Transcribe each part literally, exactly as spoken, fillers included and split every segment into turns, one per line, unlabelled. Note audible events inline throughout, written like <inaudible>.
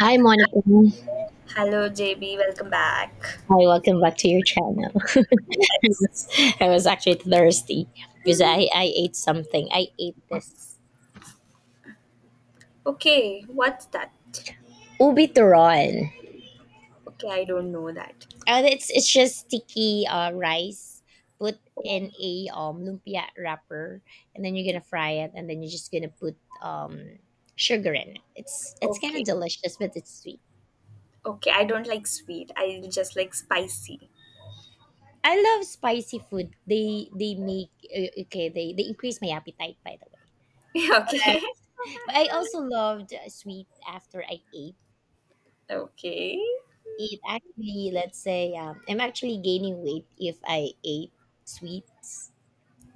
Hi, Monica. Hi,
Hello, J B. Welcome back.
welcome back to your channel. <laughs> I,
Yes.
was, I was actually thirsty because I, I ate something. I ate this
Okay, what's that?
ubi turon.
Okay, I don't know that.
Uh, it's it's just sticky uh, rice put
Oh,
in a um, lumpia wrapper, and then you're gonna fry it, and then you're just gonna put um, sugar in it. It's it's kind of
okay,
delicious, but it's sweet.
okay. I don't like sweet. I just like spicy.
I love spicy food. They they make uh, okay. They they increase my appetite, by the way.
<laughs> Okay.
But I also loved uh, sweet after I ate.
Okay.
It actually, let's say, um, I'm actually gaining weight if I ate sweets.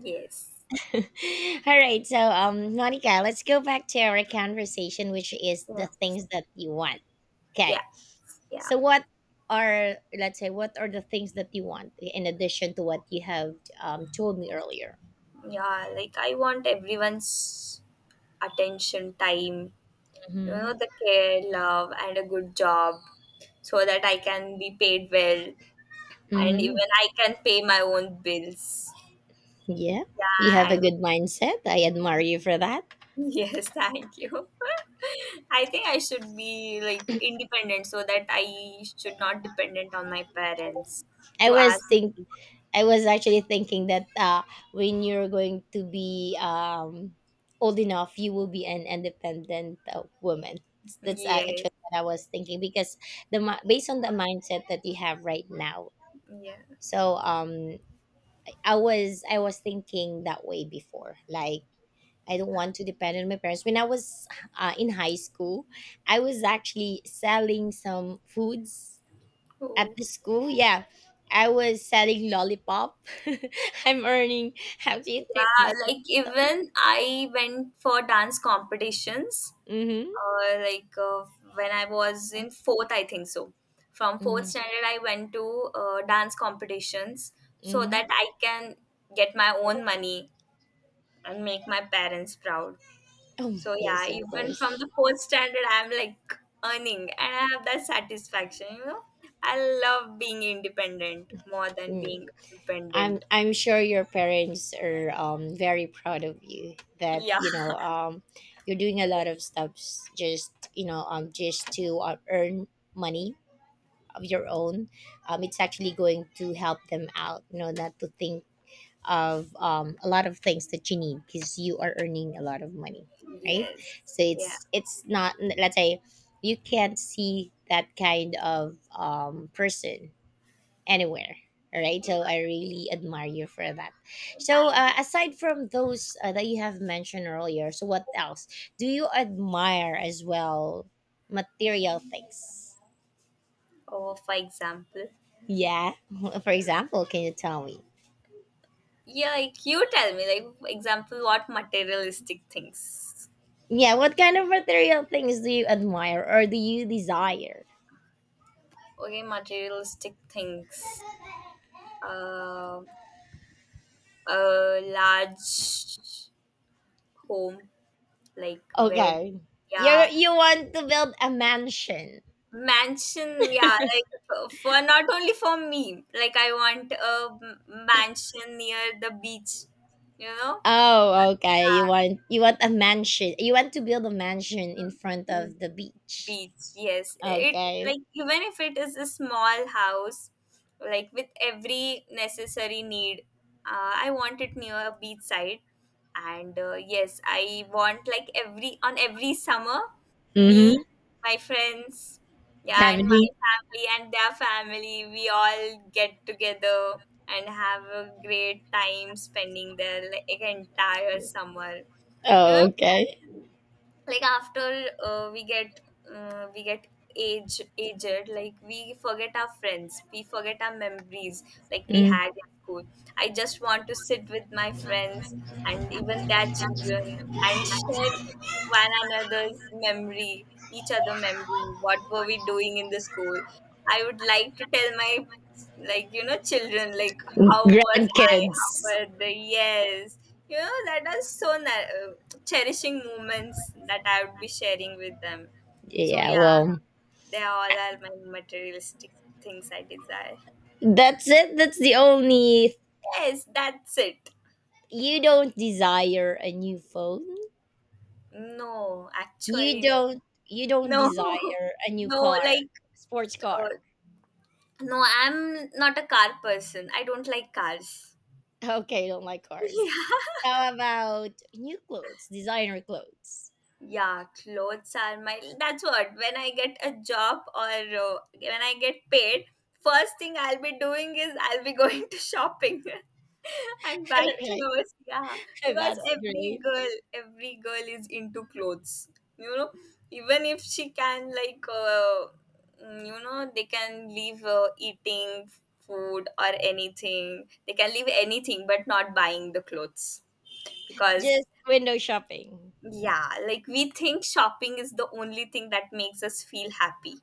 Yes.
<laughs> All right, so um, Monica, let's go back to our conversation, which is the
Yes.
things that you want.
Yeah.
Okay,
Yeah.
so what are, let's say, what are the things that you want in addition to what you have um, told me earlier?
Yeah. Like I want everyone's attention, time. You know,
Mm-hmm.
the care, love, and a good job, so that I can be paid well. And
Mm-hmm.
even I can pay my own bills.
Yeah, you have
Yeah,
a
and
good mindset. I admire you for that.
<laughs> yes, thank you. <laughs> I think I should be like independent so that I should not dependent on my parents
I
to
was
ask.
think I was actually thinking that uh, when you're going to be um, old enough, you will be an independent uh, woman. That's uh,
Yes,
actually what I was thinking because the mi- based on the mindset that you have right now.
yeah.
So um, I was I was thinking that way before. Like I don't want to depend on my parents. When I was uh, in high school, I was actually selling some foods at
Oh.
the school. Yeah, I was selling lollipop. <laughs> I'm earning actually three
Yeah,
pesos
like even I went for dance competitions,
Mm-hmm.
uh, like uh, when I was in fourth, I think so. From fourth
Mm-hmm.
standard, I went to uh, dance competitions so
Mm-hmm.
that I can get my own money and make my parents proud.
Oh
So
yes,
yeah,
of
even
course.
from the fourth standard, I'm like earning, and I have that satisfaction. You know, I love being independent more than
Mm.
being
i'm
dependent.
i'm sure your parents are um very proud of you, that
Yeah.
you
<laughs>
know um you're doing a lot of stuffs, just, you know um just to uh, earn money of your own. Um it's actually going to help them out, you know, not to think of um, a lot of things that you need because you are earning a lot of money, right?
Yes.
So
Yeah.
it's it's not, let's say, you can't see that kind of um, person anywhere. All right,
Yeah.
so I really admire you for that. So
Thank
uh,
you.
aside from those uh, that you have mentioned earlier, so what else do you admire as well? Material things?
Oh, for example.
Yeah. <laughs> For example, can you tell me?
Yeah, like you tell me, like for example, what materialistic things?
Yeah, what kind of material things do you admire or do you desire?
Okay, materialistic things. Uh, a large home, like where,
Okay. You
yeah,
you want to build a mansion.
mansion. Yeah, like uh, for not only for me. Like I want a m- mansion near the beach. You know,
Oh, okay. You want, you want a mansion. You want to build a mansion in front
Mm,
of the beach.
beach, yes, it
Okay.
like even if it is a small house, like with every necessary need, uh, I want it near a beach side. And uh, yes, I want like every, on every summer, me,
Mhm.
my friends, yeah, and my
Family.
family and their family, we all get together and have a great time spending their like entire summer.
Oh, okay.
Like after uh, we get uh, we get age, aged, like we forget our friends, we forget our memories like we
Mm.
had in school. I just want to sit with my friends and even their children and share one another's memory, each other memory, what were we doing in the school. I would like to tell my, like, you know, children, like, how was I, how
Grandkids.
were they, yes, you know, that is so nice, cherishing moments that I would be sharing with them. So
Yeah,
yeah,
well,
they all are my materialistic things I desire.
that's it. That's the only.
Yes, that's it.
You don't desire a new phone?
No,
You
actually no.
don't, you don't
No. <laughs>
desire a new
No,
car,
like
sports car.
uh,
<laughs>
no, I'm not a car person. I don't like cars.
Okay, don't like
<laughs>
cars.
Yeah.
How about new clothes, designer clothes?
Yeah, clothes are my. That's what. When I get a job or uh, when I get paid, first thing I'll be doing is I'll be <laughs> going to shopping <laughs> and
<laughs>
buy
Okay,
clothes. Yeah,
<laughs>
because
that's
every
great.
girl, every girl is into clothes. You know, even if she can like, uh, mm, you know, they can leave uh, eating food or anything. They can leave anything, but not buying the clothes because
Just window shopping.
yeah, like we think shopping is the only thing that makes us feel happy.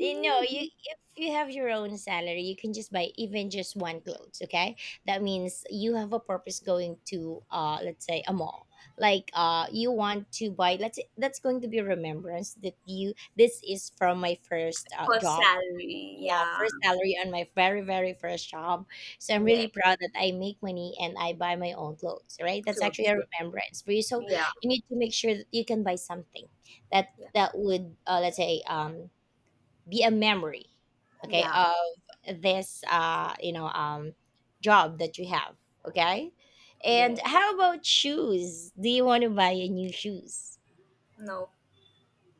You know, you if you have your own salary, you can just buy even just one clothes. Okay, that means you have a purpose going to, uh, let's say, a mall. Like, uh, you want to buy, let's say, that's going to be a remembrance that you. This is from my first uh,
For
job.
salary,
Yeah,
yeah,
first salary on my very, very first job. So I'm
yeah,
really proud that I make money and I buy my own clothes, right? That's actually
clothes,
a
yeah,
remembrance for you. So
yeah,
you need to make sure that you can buy something that
yeah,
that would, uh, let's say, um be a memory, okay,
yeah,
of this uh you know um job that you have. Okay. And
yes,
how about shoes? Do you want to buy a new shoes?
no,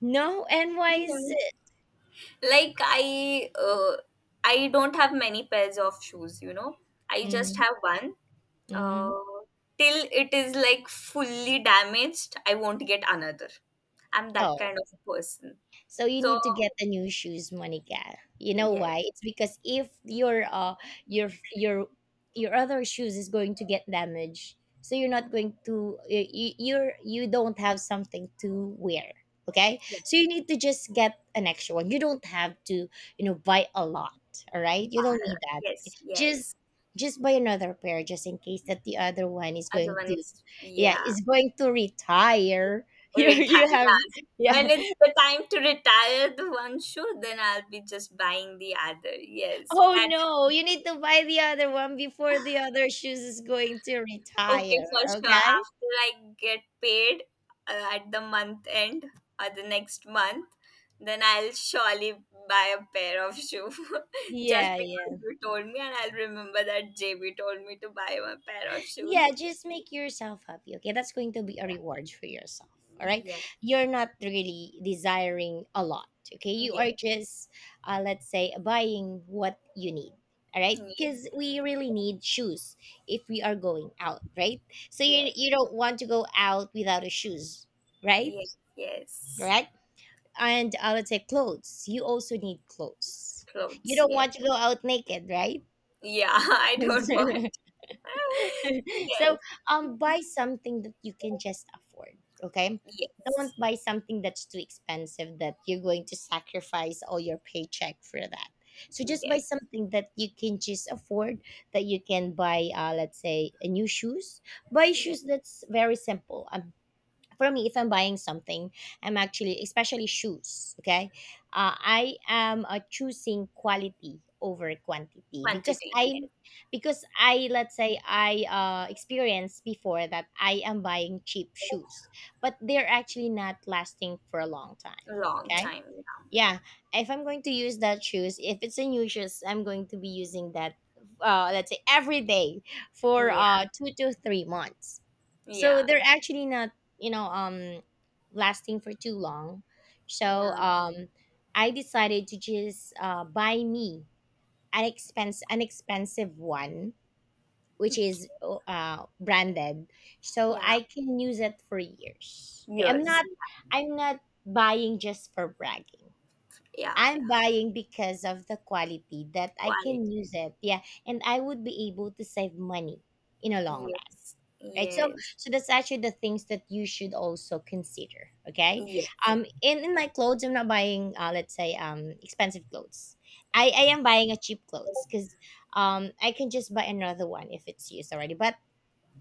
No, and why is
yeah.
it?
Like I, uh, I don't have many pairs of shoes. You know, I just
Mm-hmm.
have one.
Mm-hmm.
Uh, Till it is like fully damaged, I won't get another. I'm that
Oh.
kind of person.
So you
So
need to get the new shoes, Monica. You know
yes,
why? It's because if your uh your your your other shoes is going to get damaged, so you're not going to, you you- you're you don't have something to wear. Okay,
yes,
so you need to just get an extra one. You don't have to, you know, buy a lot. All right, you
but
don't need that.
yes,
Just
yes.
just buy another pair just in case that the other one is
Other
going
one
to,
is,
yeah,
yeah,
is going to retire. <laughs> you you have,
retires.
yeah.
When it's the time to retire the one shoe, then I'll be just buying the other. Yes,
Oh
that
no, you need to buy the other one before the other shoes is going to
okay
retire,
for sure.
okay?
After I get paid uh, at the month end or the next month, then I'll surely buy a pair of shoe <laughs> just
Yeah,
because
yeah.
you told me, and I'll remember that J B told me to buy a pair of
Yeah,
shoes.
just make yourself happy, okay? That's going to be a reward for yourself, all right?
Yeah,
You're not really desiring a lot, okay? You
yeah,
are just, uh, let's say, buying what you need. All right,
yeah,
because we really need shoes if we are going out, right? So you
yes,
you don't want to go out without a shoes, right?
yes, yes.
Right? And I would say clothes. You also need clothes. You
Clothes,
don't want
yes.
to go out naked, right?
Yeah, <laughs> I don't want.
<laughs>
<laughs>
So
Yes,
um buy something that you can just afford, okay? Don't
yes,
buy something that's too expensive that you're going to sacrifice all your paycheck for that. So just buy
yes,
something that you can just afford, that you can buy, uh let's say, a new shoes. Buy
yes.
shoes that's very simple. I'm For me, if I'm buying something, I'm actually, especially shoes, okay, uh, I am, uh, choosing quality over quantity because
Quantity,
I
yes.
because I, let's say, I, uh, experienced before that I am buying cheap shoes, but they're actually not lasting for a long time.
Long
Okay.
time.
Yeah, if I'm going to use that shoes, if it's in new shoes, I'm going to be using that, uh, let's say every day for
Yeah,
uh two to three months. So
yeah,
they're actually not, you know, um, lasting for too long. So
yeah,
um, I decided to just uh buy me an expense an expensive one, which is uh branded, so
yeah.
I can use it for years. Okay, I'm
Years.
not, I'm not buying just for bragging.
Yeah,
I'm
yeah.
buying because of the quality that I can
Quality.
use it. Yeah. And I would be able to save money in a long run.
Yes,
Right. So
yes,
so that's actually the things that you should also consider. Okay. Um in, in my clothes, I'm not buying, uh let's say, um expensive clothes. I, I am buying a cheap clothes because um I can just buy another one if it's used already. But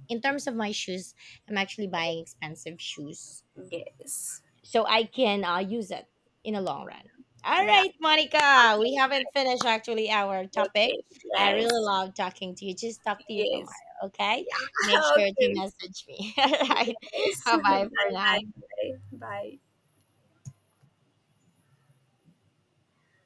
in terms of my shoes, I'm actually buying expensive shoes
yes, yes.
so I can, uh, use it in the long run. All
Yeah.
right, Monica,
Okay,
we haven't finished actually our topic.
okay.
I really
Yes,
love talking to you. Just talk to you tomorrow,
yes.
okay? Make
Yeah. <laughs>
sure to
Okay.
message me. <laughs> All right.
Yes.
Bye
<laughs> Bye,
bye for now.
bye, bye, bye.